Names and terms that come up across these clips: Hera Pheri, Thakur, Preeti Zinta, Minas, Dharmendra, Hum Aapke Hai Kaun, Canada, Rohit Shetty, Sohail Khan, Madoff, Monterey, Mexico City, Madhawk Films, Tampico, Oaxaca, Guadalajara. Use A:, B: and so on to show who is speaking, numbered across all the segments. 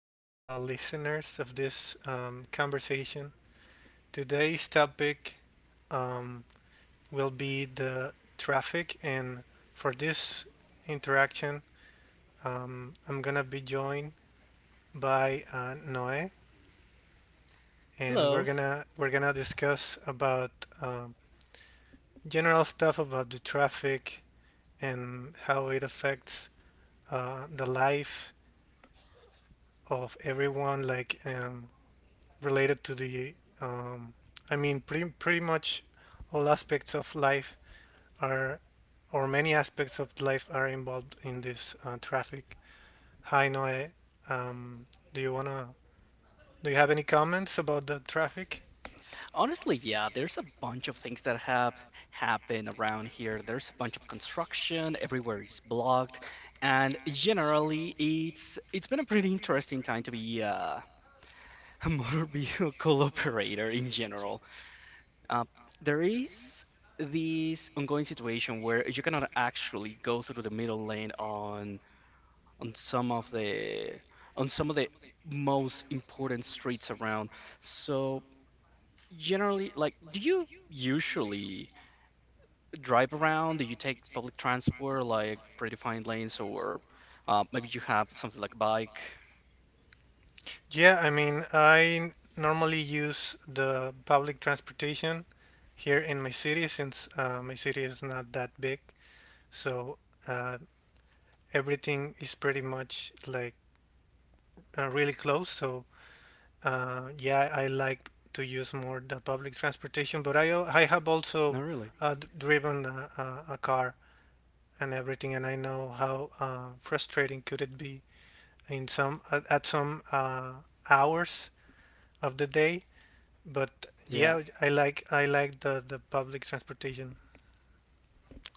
A: to all the listeners of this conversation. Today's topic um, will be the traffic, and for this interaction, I'm gonna be joined by Noe, and we're
B: Hello.
A: gonna we're gonna discuss about um, general stuff about the traffic and how it affects the life of everyone, like related to the um, pretty much all aspects of life are or many aspects of life are involved in this traffic. Hi Noe, um, do you wanna do you have any comments about the traffic?
B: Honestly, yeah, there's a bunch of things that have happened around here. There's a bunch of construction, everywhere is blocked, and generally it's been a pretty interesting time to be a motor vehicle operator in general. Uh, there is this ongoing situation where you cannot actually go through the middle lane on some of the on some of the most important streets around. So generally, like, do you usually drive around? Do you take public transport like predefined lanes, or maybe you have something like a bike?
A: Yeah, I mean I normally use the public transportation here in my city since my city is not that big, so uh, everything is pretty much like really close. So yeah, I like to use more the public transportation, but I have also
B: Not really.
A: driven a car and everything, and I know how frustrating could it be in some at some hours of the day. But yeah,
B: Yeah.
A: I like the public transportation.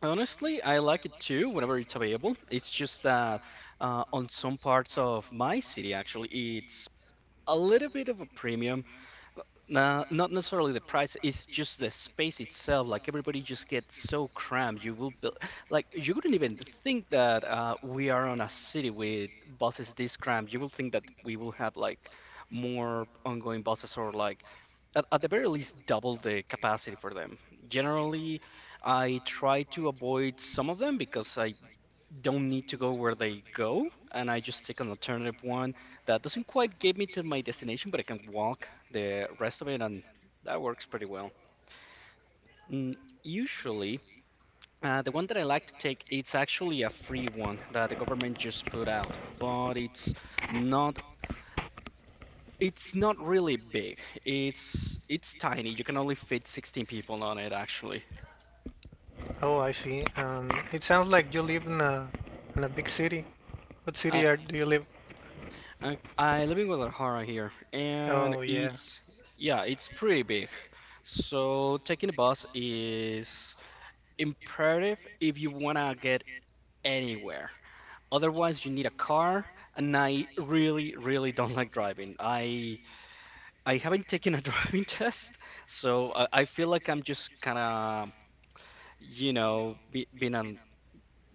B: Honestly, I like it too whenever it's available. It's just that on some parts of my city, actually, it's a little bit of a premium. Not necessarily the price, it's just the space itself. Like everybody just gets so cramped. You will build, like, you wouldn't even think that we are on a city with buses this cramped. You will think that we will have like more ongoing buses, or like at the very least double the capacity for them. Generally, I try to avoid some of them because I don't need to go where they go, and I just take an alternative one that doesn't quite get me to my destination, but I can walk the rest of it, and that works pretty well. Mm, usually, the one that I like to take, it's actually a free one that the government just put out, but it's not. It's not really big. It's tiny. You can only fit 16 people on it actually.
A: Oh, I see. It sounds like you live in a big city. What
B: I
A: city are, do you live?
B: I live in Guadalajara here, and
A: Oh yeah,
B: it's yeah, it's pretty big. So taking a bus is imperative if you wanna get anywhere. Otherwise, you need a car, and I really, really don't like driving. I haven't taken a driving test, so I feel like I'm just kind of, being a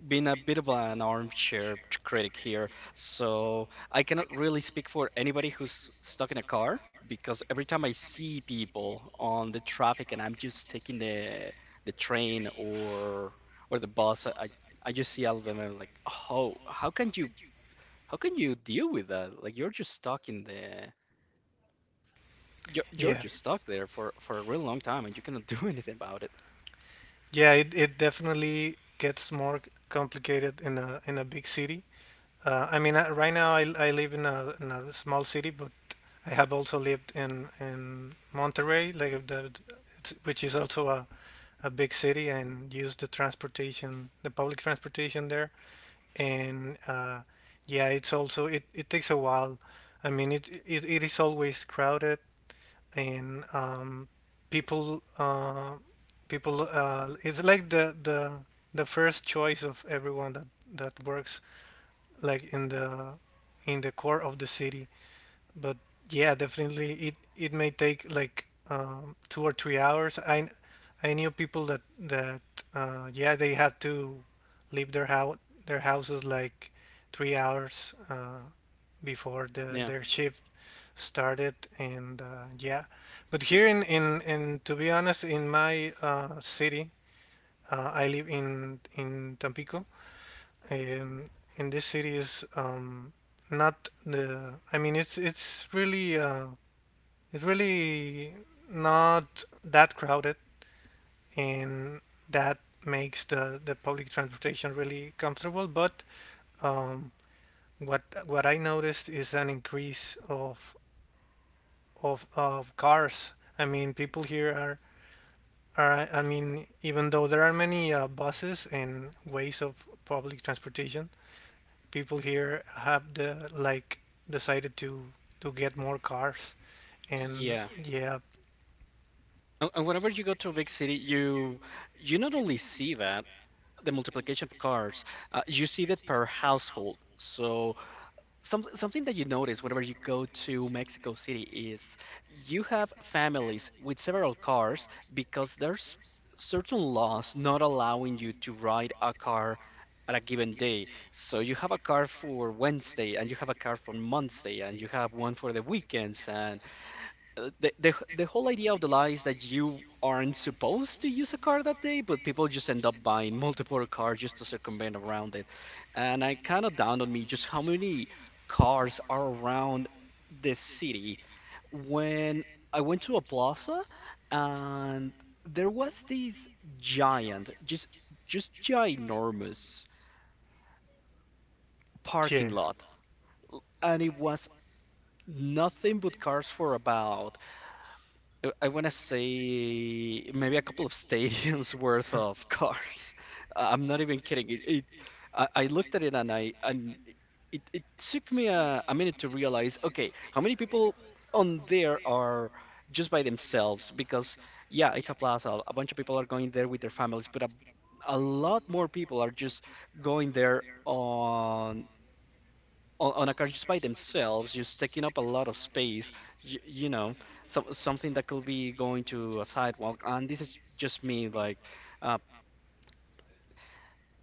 B: been a bit of an armchair critic here, so I cannot really speak for anybody who's stuck in a car because every time I see people on the traffic and I'm just taking the train or the bus, I just see all of them and I'm like, oh, how can you deal with that? Like you're just stuck in the you're
A: yeah.
B: just stuck there for a real long time and you cannot do anything about it.
A: Yeah, it definitely gets more complicated in a big city. I mean, I, right now I live in a small city, but I have also lived in Monterey, like which is also a big city, and use the transportation, the public transportation there. And yeah, it's also it takes a while. I mean, it is always crowded and people uh, people it's like the the first choice of everyone that that works like in the core of the city. But yeah, definitely it it may take like 2 or 3 hours. I knew people that that yeah, they had to leave their house their houses like 3 hours before the
B: Yeah,
A: their shift started. And yeah, but here in to be honest in my city, I live in Tampico, and in this city is not the I mean it's really not that crowded, and that makes the public transportation really comfortable. But um, what I noticed is an increase of of cars. I mean, people here are I mean, even though there are many buses and ways of public transportation, people here have the like decided to get more cars, and
B: yeah.
A: yeah,
B: And whenever you go to a big city, you not only see that, the multiplication of cars. You see that per household. So something that you notice whenever you go to Mexico City is you have families with several cars because there's certain laws not allowing you to ride a car at a given day. So you have a car for Wednesday and you have a car for Monday and you have one for the weekends, and the, the whole idea of the lie is that you aren't supposed to use a car that day, but people just end up buying multiple cars just to circumvent around it. And I kind of dawned on me just how many cars are around this city when I went to a plaza, and there was this giant, just ginormous parking
A: yeah.
B: lot, and it was nothing but cars for about I want to say maybe a couple of stadiums worth of cars. I'm not even kidding. It, I looked at it, and I and it took me a minute to realize, okay, how many people on there are just by themselves? Because yeah, it's a plaza. A bunch of people are going there with their families, but a lot more people are just going there on on a car just by themselves, just taking up a lot of space, you know, something that could be going to a sidewalk. And this is just me, like, uh,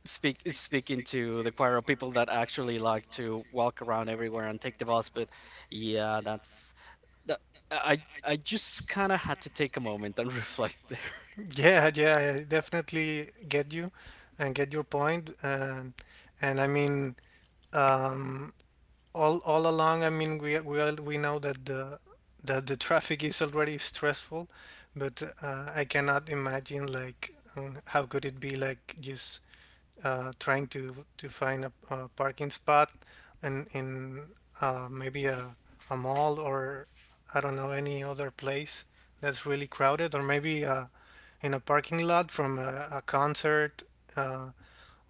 B: speaking to the choir of people that actually like to walk around everywhere and take the bus. But yeah, that's that. I just kind of had to take a moment and reflect there.
A: Yeah, yeah, I definitely get you and get your point. And I mean, um, all along, I mean, we all, we know that the traffic is already stressful, but I cannot imagine like how could it be like just trying to find a parking spot in maybe a mall or I don't know any other place that's really crowded, or maybe in a parking lot from a concert uh,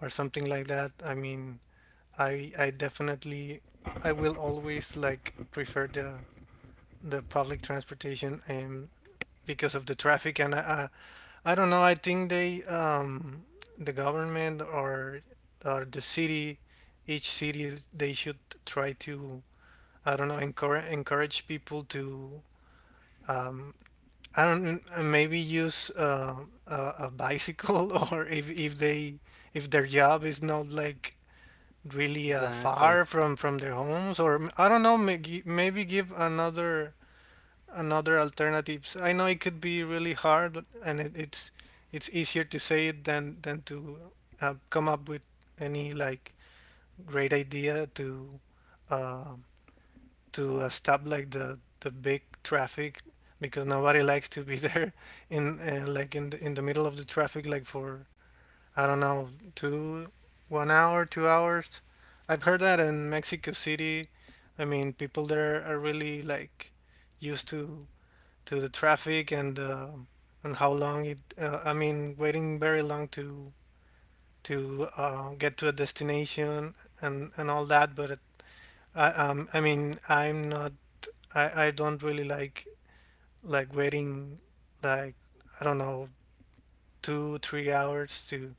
A: or something like that. I mean, I definitely I will always like prefer the public transportation and because of the traffic and I don't know. I think they, the government or the city, each city, they should try to I don't know encourage people to um, I don't maybe use a bicycle or if they if their job is not like really
B: Exactly.
A: far from their homes or m- I don't know may- gi- maybe give another another alternatives. I know it could be really hard, and it, it's easier to say it than to come up with any like great idea to uh, stop like the big traffic because nobody likes to be there in like in the middle of the traffic like for I don't know two one hour, 2 hours. I've heard that in Mexico City. I mean, people there are really like used to the traffic and how long it. I mean, waiting very long to get to a destination and all that. But it, I mean I'm not I don't really like waiting like I don't know 2 3 hours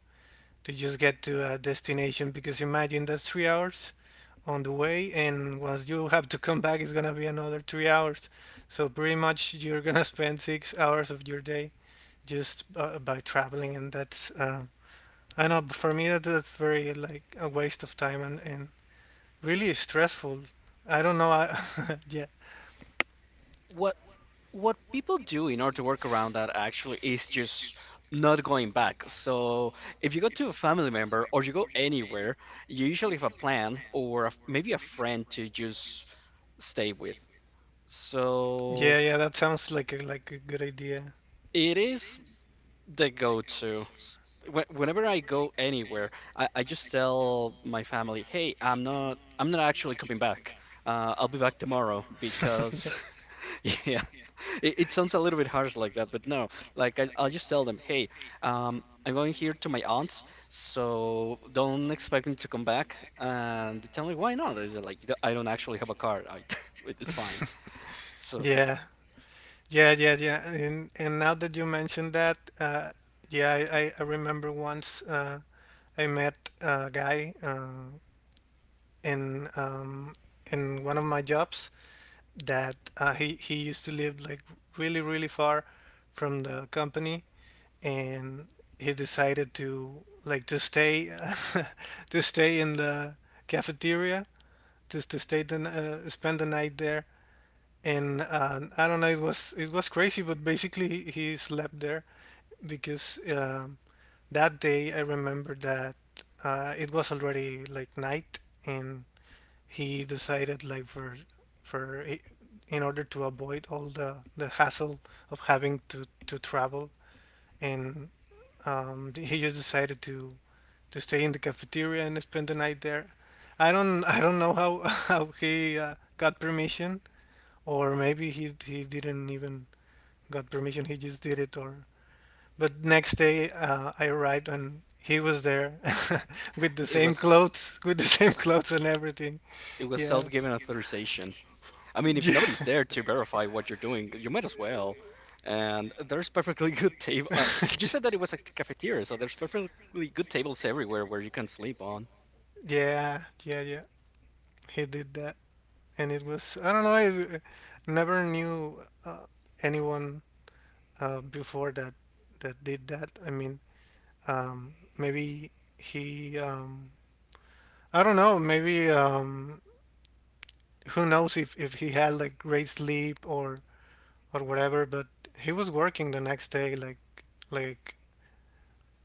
A: to just get to a destination because imagine that's 3 hours on the way and once you have to come back it's gonna be another 3 hours. So pretty much you're gonna spend 6 hours of your day just by traveling, and that's I know, but for me that's very like a waste of time and really stressful. I don't know. I, yeah,
B: What people do in order to work around that actually is just not going back. So if you go to a family member or you go anywhere, you usually have a plan or a, maybe a friend to just stay with. So
A: yeah, yeah, that sounds like like a good idea.
B: it is the go-to. Whenever I go anywhere, I just tell my family, "Hey, I'm not actually coming back. I'll be back tomorrow
A: Yeah.
B: because Yeah, it sounds a little bit harsh like that, but no. Like I'll just tell them, hey, I'm going here to my aunt's, so don't expect me to come back. And they tell me, why not? I said, like, "D- I don't actually have a car. I, it's fine." So
A: Yeah, yeah, yeah, yeah. And now that you mentioned that, yeah, I remember once I met a guy in um, in one of my jobs that he used to live like really really far from the company, and he decided to like to stay to stay in the cafeteria just to stay spend the night there and I don't know. It was crazy, but basically he slept there because that day I remember that it was already like night, and he decided like for in order to avoid all the hassle of having to travel, and he just decided to stay in the cafeteria and spend the night there. I don't know how how he got permission, or maybe he didn't even got permission. He just did it. Or but next day I arrived and he was there with the
B: it
A: same
B: was
A: clothes, with the same clothes and everything. Yeah.
B: self-given authorization. I mean, if
A: Yeah.
B: nobody's there to verify what you're doing, you might as well. And there's perfectly good table. You said that it was a cafeteria, so there's perfectly good tables everywhere where you can sleep on.
A: Yeah, yeah, yeah. He did that, and it was I don't know. I uh, never knew anyone before that that did that. I mean, maybe he. I don't know. Maybe who knows if he had like great sleep or whatever. But he was working the next day, like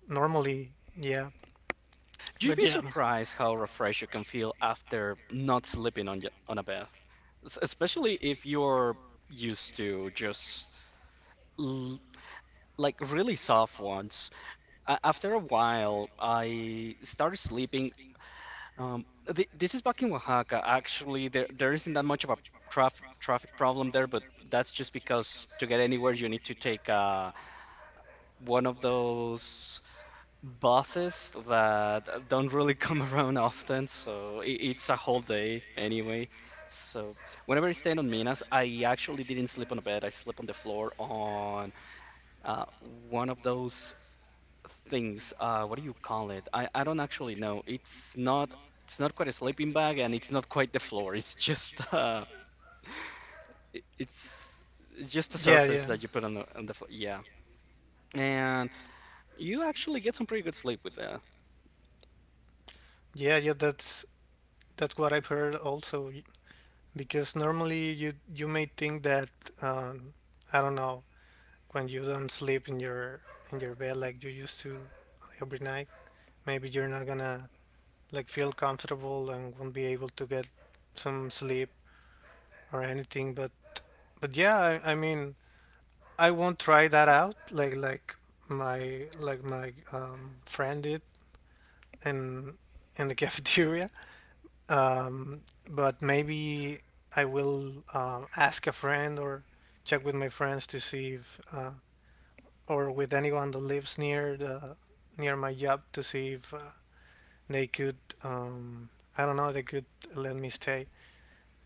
A: normally. Yeah.
B: You'd
A: But
B: be
A: yeah.
B: surprised how refreshed you can feel after not sleeping on on a bed, especially if you're used to just l- like really soft ones. A after a while, I started sleeping. Um, th this is back in Oaxaca. Actually, there isn't that much of a traf traffic problem there, but that's just because to get anywhere you need to take one of those bosses that don't really come around often, so it's a whole day anyway. So whenever I stayed on Minas, I actually didn't sleep on a bed. I slept on the floor on one of those things. What do you call it? I don't actually know. It's not quite a sleeping bag, and it's not quite the floor. It's just it, it's it's just a
A: Yeah.
B: surface
A: Yeah.
B: that you put on the floor. Yeah, and you actually get some pretty good sleep with that.
A: Yeah, yeah, that's what I've heard also. Because normally you you may think that um, I don't know when you don't sleep in your bed like you used to like, every night maybe you're not gonna like feel comfortable and won't be able to get some sleep or anything, but yeah I mean I won't try that out like my friend did in in the cafeteria. um, but maybe I will ask a friend or check with my friends to see if or with anyone that lives near the near my job to see if they could um, I don't know they could let me stay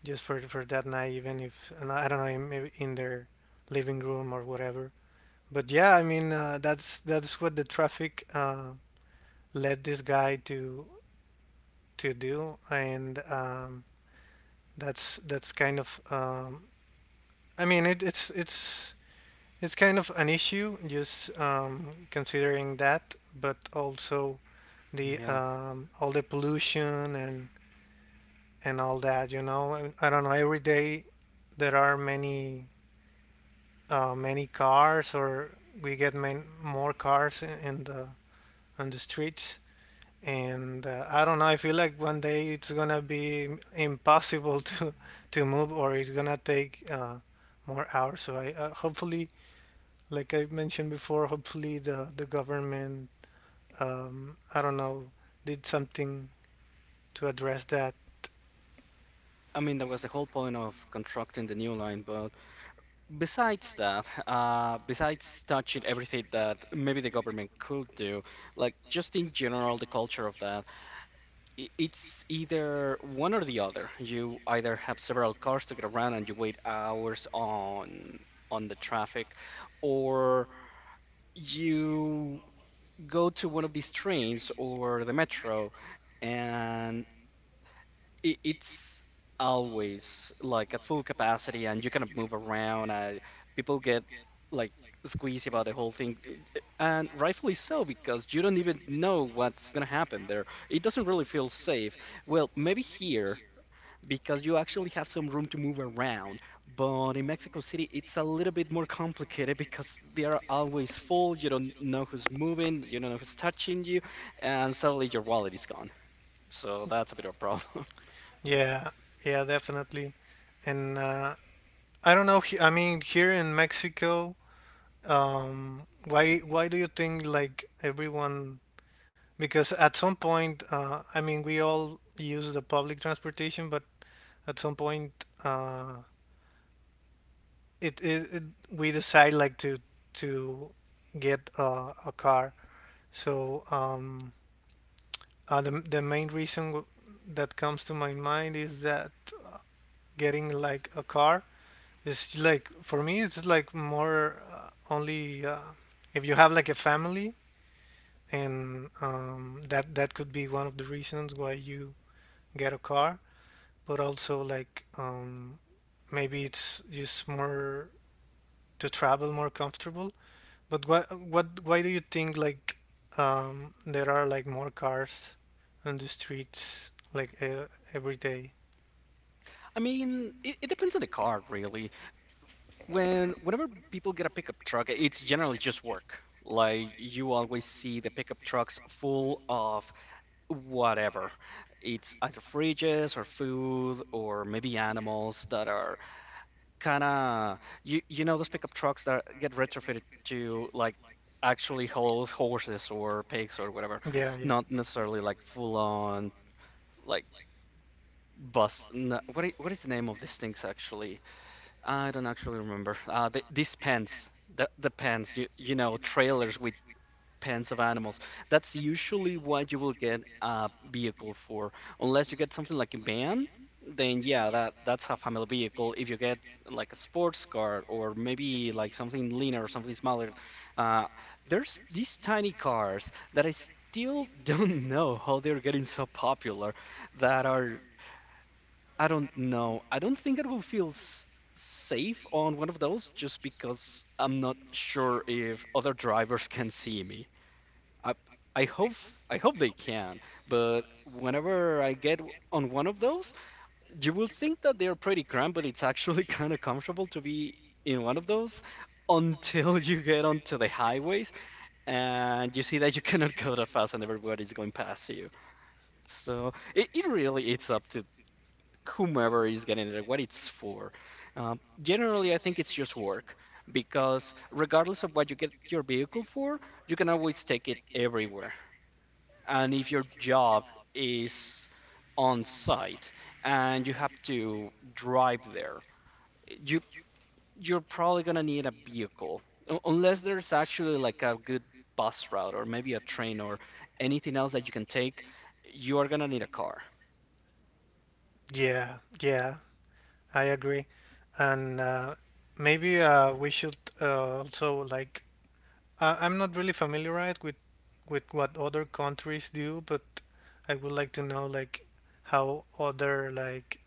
A: just for that night, even if and I don't know maybe in their living room or whatever. But yeah, I mean that's what the traffic led this guy to do, and that's kind of it, it's it's kind of an issue just considering that, but also the
B: Yeah.
A: all the pollution and all that, you know. And I don't know. Every day there are many many cars, or we get more cars in the on the streets. And I don't know. I feel like one day it's gonna be impossible to move, or it's gonna take more hours. So I hopefully, like I mentioned before, hopefully the government, I don't know, did something to address that.
B: I mean, that was the whole point of constructing the new line, but besides that, besides touching everything that maybe the government could do, like just in general, the culture of that, it's either one or the other. You either have several cars to get around and you wait hours on the traffic, or you go to one of these trains or the metro. It's always like at full capacity and you cannot move around. People get like squeezy about the whole thing. And rightfully so, because you don't even know what's going to happen there. It doesn't really feel safe. Well, maybe here, because you actually have some room to move around, but in Mexico City it's a little bit more complicated because they are always full. You don't know who's moving, you don't know who's touching you, and suddenly your wallet is gone. So that's a bit of a problem.
A: Yeah, yeah, definitely. And I don't know. I mean, here in Mexico, why do you think like everyone? Because at some point, I mean, we all use the public transportation, but at some point, it, it, it we decide like to get a car. So the main reason that comes to my mind is that uh, getting like a car, it's like for me, it's like more only if you have like a family, and that could be one of the reasons why you get a car. But also like maybe it's just more to travel more comfortable. But what why do you think like there are like more cars on the streets like every day?
B: I mean, it depends on the car, really. Whenever people get a pickup truck, it's generally just work. Like, you always see the pickup trucks full of whatever. It's either fridges or food or maybe animals that are kind of, you know those pickup trucks that get retrofitted to like actually hold horses or pigs or whatever,
A: Yeah, yeah,
B: not necessarily like full on like bus. What what is the name of these things actually? I don't actually remember. These pens, the pens, you know, trailers with pens of animals. That's usually what you will get a vehicle for. Unless you get something like a van, then yeah, that that's a family vehicle. If you get like a sports car, or maybe like something leaner or something smaller, uh, there's these tiny cars that I still don't know how they're getting so popular, that are I don't know. I don't think I will feel s safe on one of those, just because I'm not sure if other drivers can see me. I I hope I hope they can, but whenever I get on one of those, you will think that they're pretty cramped, but it's actually kind of comfortable to be in one of those until you get onto the highways and you see that you cannot go that fast and everybody's going past you. So it really it's up to whomever is getting it, what it's for. Generally, I think it's just work, because regardless of what you get your vehicle for, you can always take it everywhere. And if your job is on site and you have to drive there, you you're probably gonna need a vehicle. Unless there's actually like a good bus route or maybe a train or anything else that you can take, you are gonna need a car.
A: yeah, yeah. I agree. And Maybe we should also like I'm not really familiarized with what other countries do, but I would like to know like how other like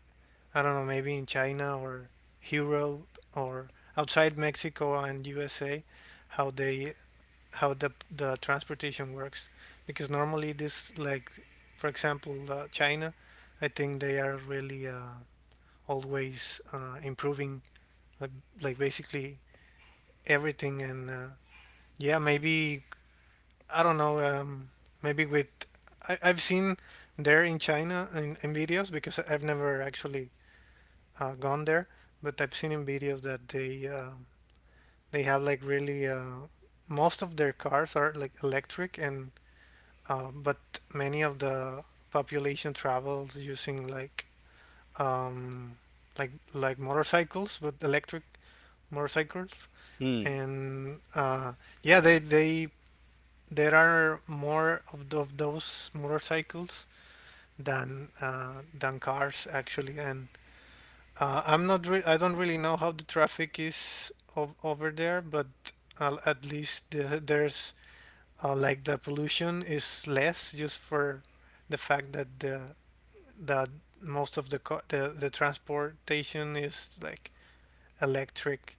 A: I don't know, maybe in China or Europe or outside Mexico and USA how they how the transportation works because normally this like, for example, China, I think they are really always improving, like, like basically everything. And Yeah, maybe I don't know. Maybe with I've seen there in China in videos because I've never actually gone there, but I've seen in videos that they have like really most of their cars are like electric, and but many of the population travels using like um, like motorcycles, but electric motorcycles.
B: Hmm.
A: And Yeah, they there are more of, of those motorcycles than cars actually, and I'm not re- I don't really know how the traffic is over there, but at least there's like the pollution is less just for the fact that the that most of the the transportation is like electric.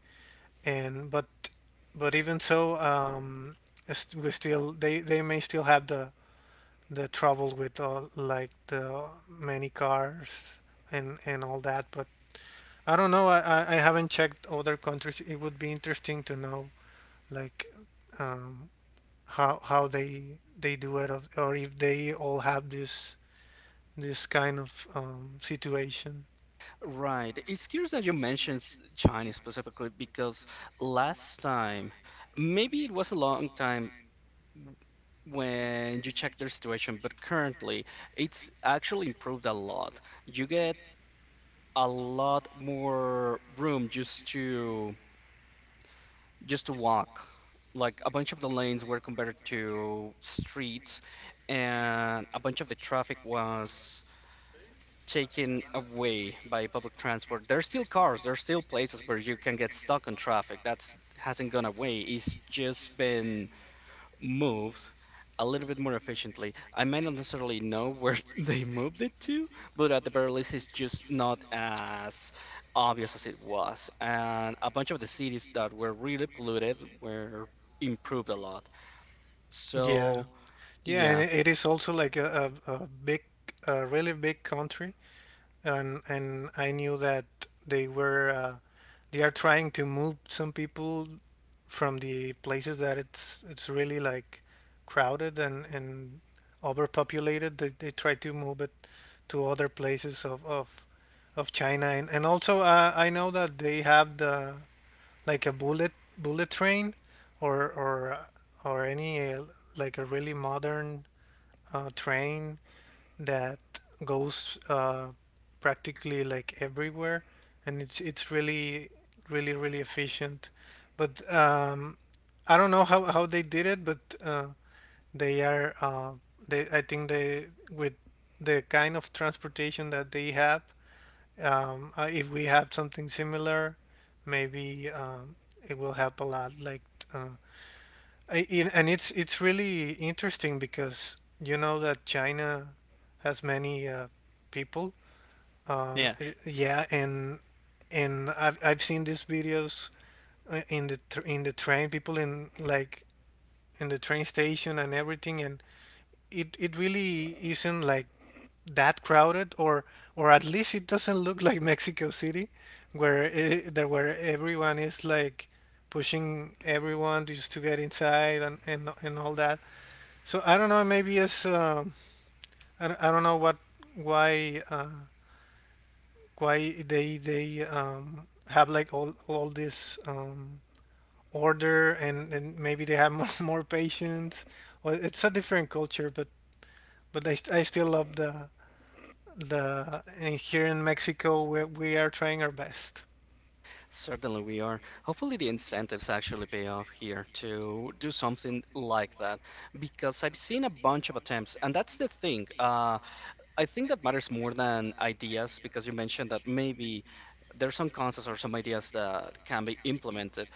A: And but but even so, we still, they may still have the trouble with all, like, the many cars and all that. But I don't know. I haven't checked other countries. It would be interesting to know like, um, how they do it, or if they all have this kind of situation.
B: Right. It's curious that you mentioned China specifically because last time, maybe it was a long time when you checked their situation, but currently it's actually improved a lot. You get a lot more room just to walk. Like a bunch of the lanes were converted to streets, and a bunch of the traffic was taken away by public transport. There's still cars, there's still places where you can get stuck on traffic. That's hasn't gone away. It's just been moved a little bit more efficiently. I may not necessarily know where they moved it to, but at the very least, it's just not as obvious as it was. And a bunch of the cities that were really polluted were improved a lot.
A: Yeah.
B: So,
A: Yeah, and
B: yeah,
A: it is also like a big, a really big country. And I knew that they were they are trying to move some people from the places that it's really like crowded and overpopulated. They try to move it to other places of China, and also I know that they have the like a bullet bullet train or or or any like a really modern train that goes practically like everywhere, and it's really really efficient. But I don't know how they did it, but they are they I think they with the kind of transportation that they have, if we have something similar, maybe it will help a lot. Like uh, and it's really interesting because you know that China has many people.
B: yeah.
A: Yeah, and I've seen these videos in the in the train, people in like in the train station and everything, and it really isn't like that crowded, or at least it doesn't look like Mexico City, where eh, there where everyone is like pushing everyone just to get inside, and all that. So I don't know. Maybe as, I don't know what why uh, why they have like all this order, and maybe they have more, more patience. Well, it's a different culture, but I still love the and here in Mexico we are trying our best.
B: Certainly we are. Hopefully the incentives actually pay off here to do something like that because I've seen a bunch of attempts and that's the thing. I think that matters more than ideas because you mentioned that maybe there's some concepts or some ideas that can be implemented,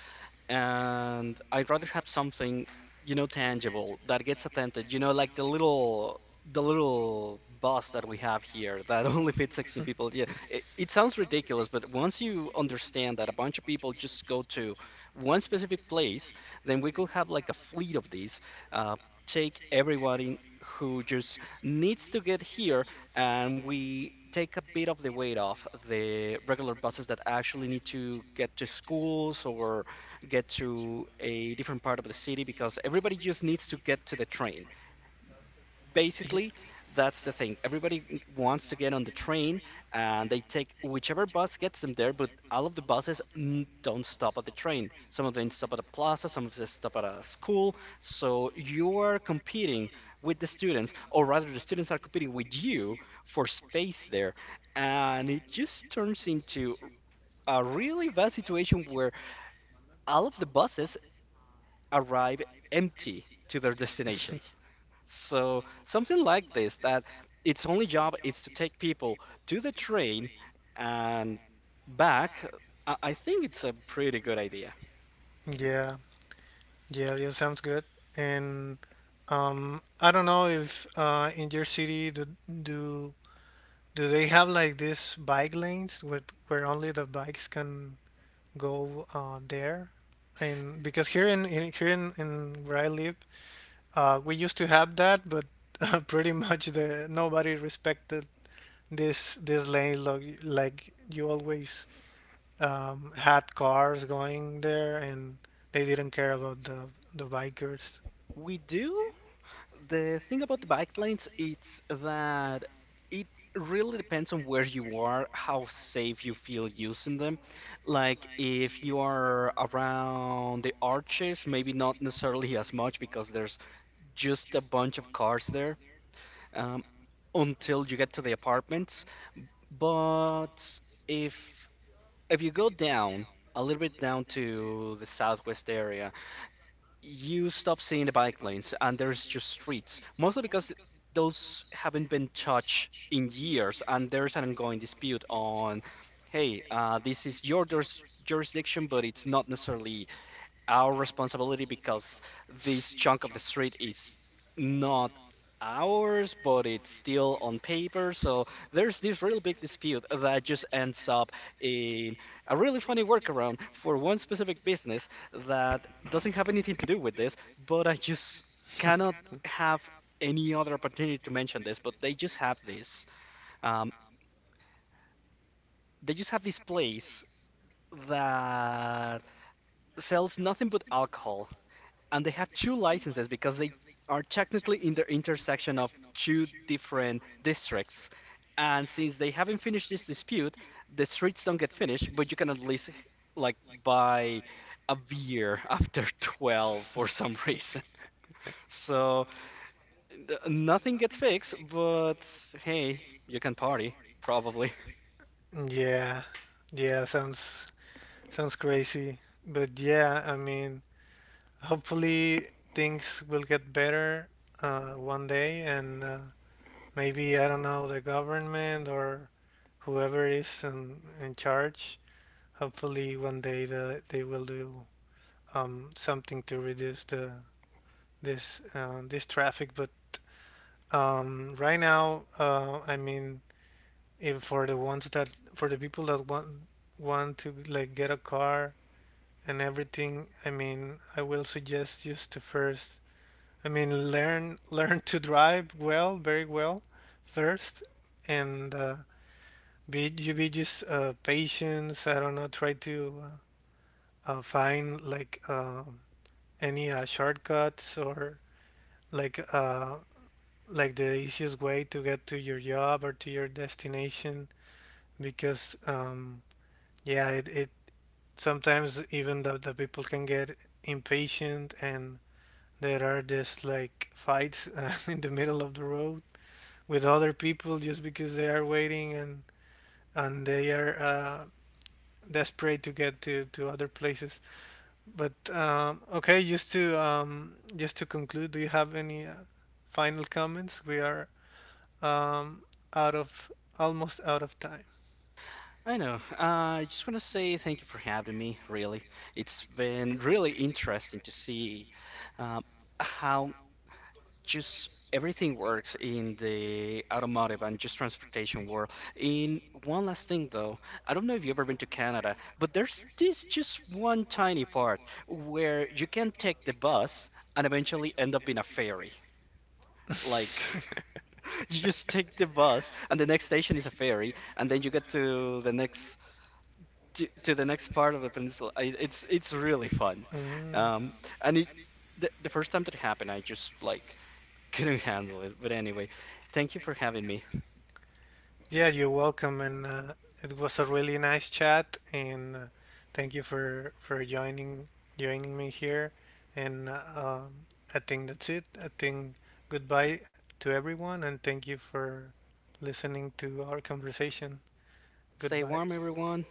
B: and I'd rather have something, you know, tangible that gets attended. You know, like the little bus that we have here that only fits 16 people. Yeah, it sounds ridiculous, but once you understand that a bunch of people just go to one specific place, then we could have like a fleet of these. Uh, take everybody who just needs to get here, and we take a bit of the weight off the regular buses that actually need to get to schools or get to a different part of the city because everybody just needs to get to the train.
A: Y-
B: Basically, that's the thing. Everybody wants to get on the train and they take whichever bus gets them there, but all of the buses don't stop at the train. Some of them stop at a plaza, some of them stop at a school. So you are competing with the students, or rather, the students are competing with you for space there. And it just turns into a really bad situation where all of the buses arrive empty to their destination. So something like this that its only job is to take people to the train and back. I think it's a pretty good idea.
A: yeah, yeah, yeah, sounds good. And I don't know if in your city do Do they have like these bike lanes with where only the bikes can go there? And because here in where I live, we used to have that, but pretty much the nobody respected this lane. Like you always had cars going there, and they didn't care about the bikers.
B: We do. The thing about the bike lanes it's that it really depends on where you are, how safe you feel using them. Like if you are around the arches, maybe not necessarily as much because there's just a bunch of cars there. Um, until you get to the apartments. But if if you go down a little bit down to the southwest area, you stop seeing the bike lanes and there's just streets, mostly because those haven't been touched in years and there's an ongoing dispute on, hey, this is your jurisdiction, but it's not necessarily our responsibility because this chunk of the street is not ours, but it's still on paper. So there's this really big dispute that just ends up in a really funny workaround for one specific business that doesn't have anything to do with this, but I just cannot have any other opportunity to mention this, but they just have this. Um, they just have this place that sells nothing but alcohol and they have two licenses because they are technically in the intersection of two different districts. And since they haven't finished this dispute, the streets don't get finished, but you can at least like buy a beer after 12 for some reason. So nothing gets fixed, but hey, you can party, probably.
A: Yeah, yeah, sounds crazy, but yeah, I mean. Hopefully things will get better one day, and maybe I don't know, the government or whoever is in charge, hopefully one day they will do something to reduce the this traffic. But right now, I mean, if for the ones that for the people that want to like get a car and everything, I mean, I will suggest just to first, I mean, learn learn to drive well, very well, first, and be you be just patience. I don't know. Try to find like any shortcuts or like uh, like the easiest way to get to your job or to your destination. Because yeah, it sometimes even the people can get impatient, and there are just like fights in the middle of the road with other people just because they are waiting, and they are desperate to get to other places. But okay, just to conclude, do you have any final comments? We are um, out of almost out of time.
B: I know. I just want to say thank you for having me, really. It's been really interesting to see um, how just everything works in the automotive and just transportation world. In one last thing though, I don't know if you've ever been to Canada, but there's this just one tiny part where you can take the bus and eventually end up in a ferry. Like
A: Let's
B: you just take the bus and the next station is a ferry and then you get to the next to the next part of the peninsula. It's really fun.
A: fun. Mm.
B: Um, and the first time that it happened, I just like couldn't handle it. But anyway, thank you for having me.
A: Yeah, you're welcome, and it was a really nice chat, and thank you for joining me here. And I think that's it. I think goodbye to everyone, and thank you for listening to our conversation.
B: Stay
A: Goodbye.
B: warm, everyone.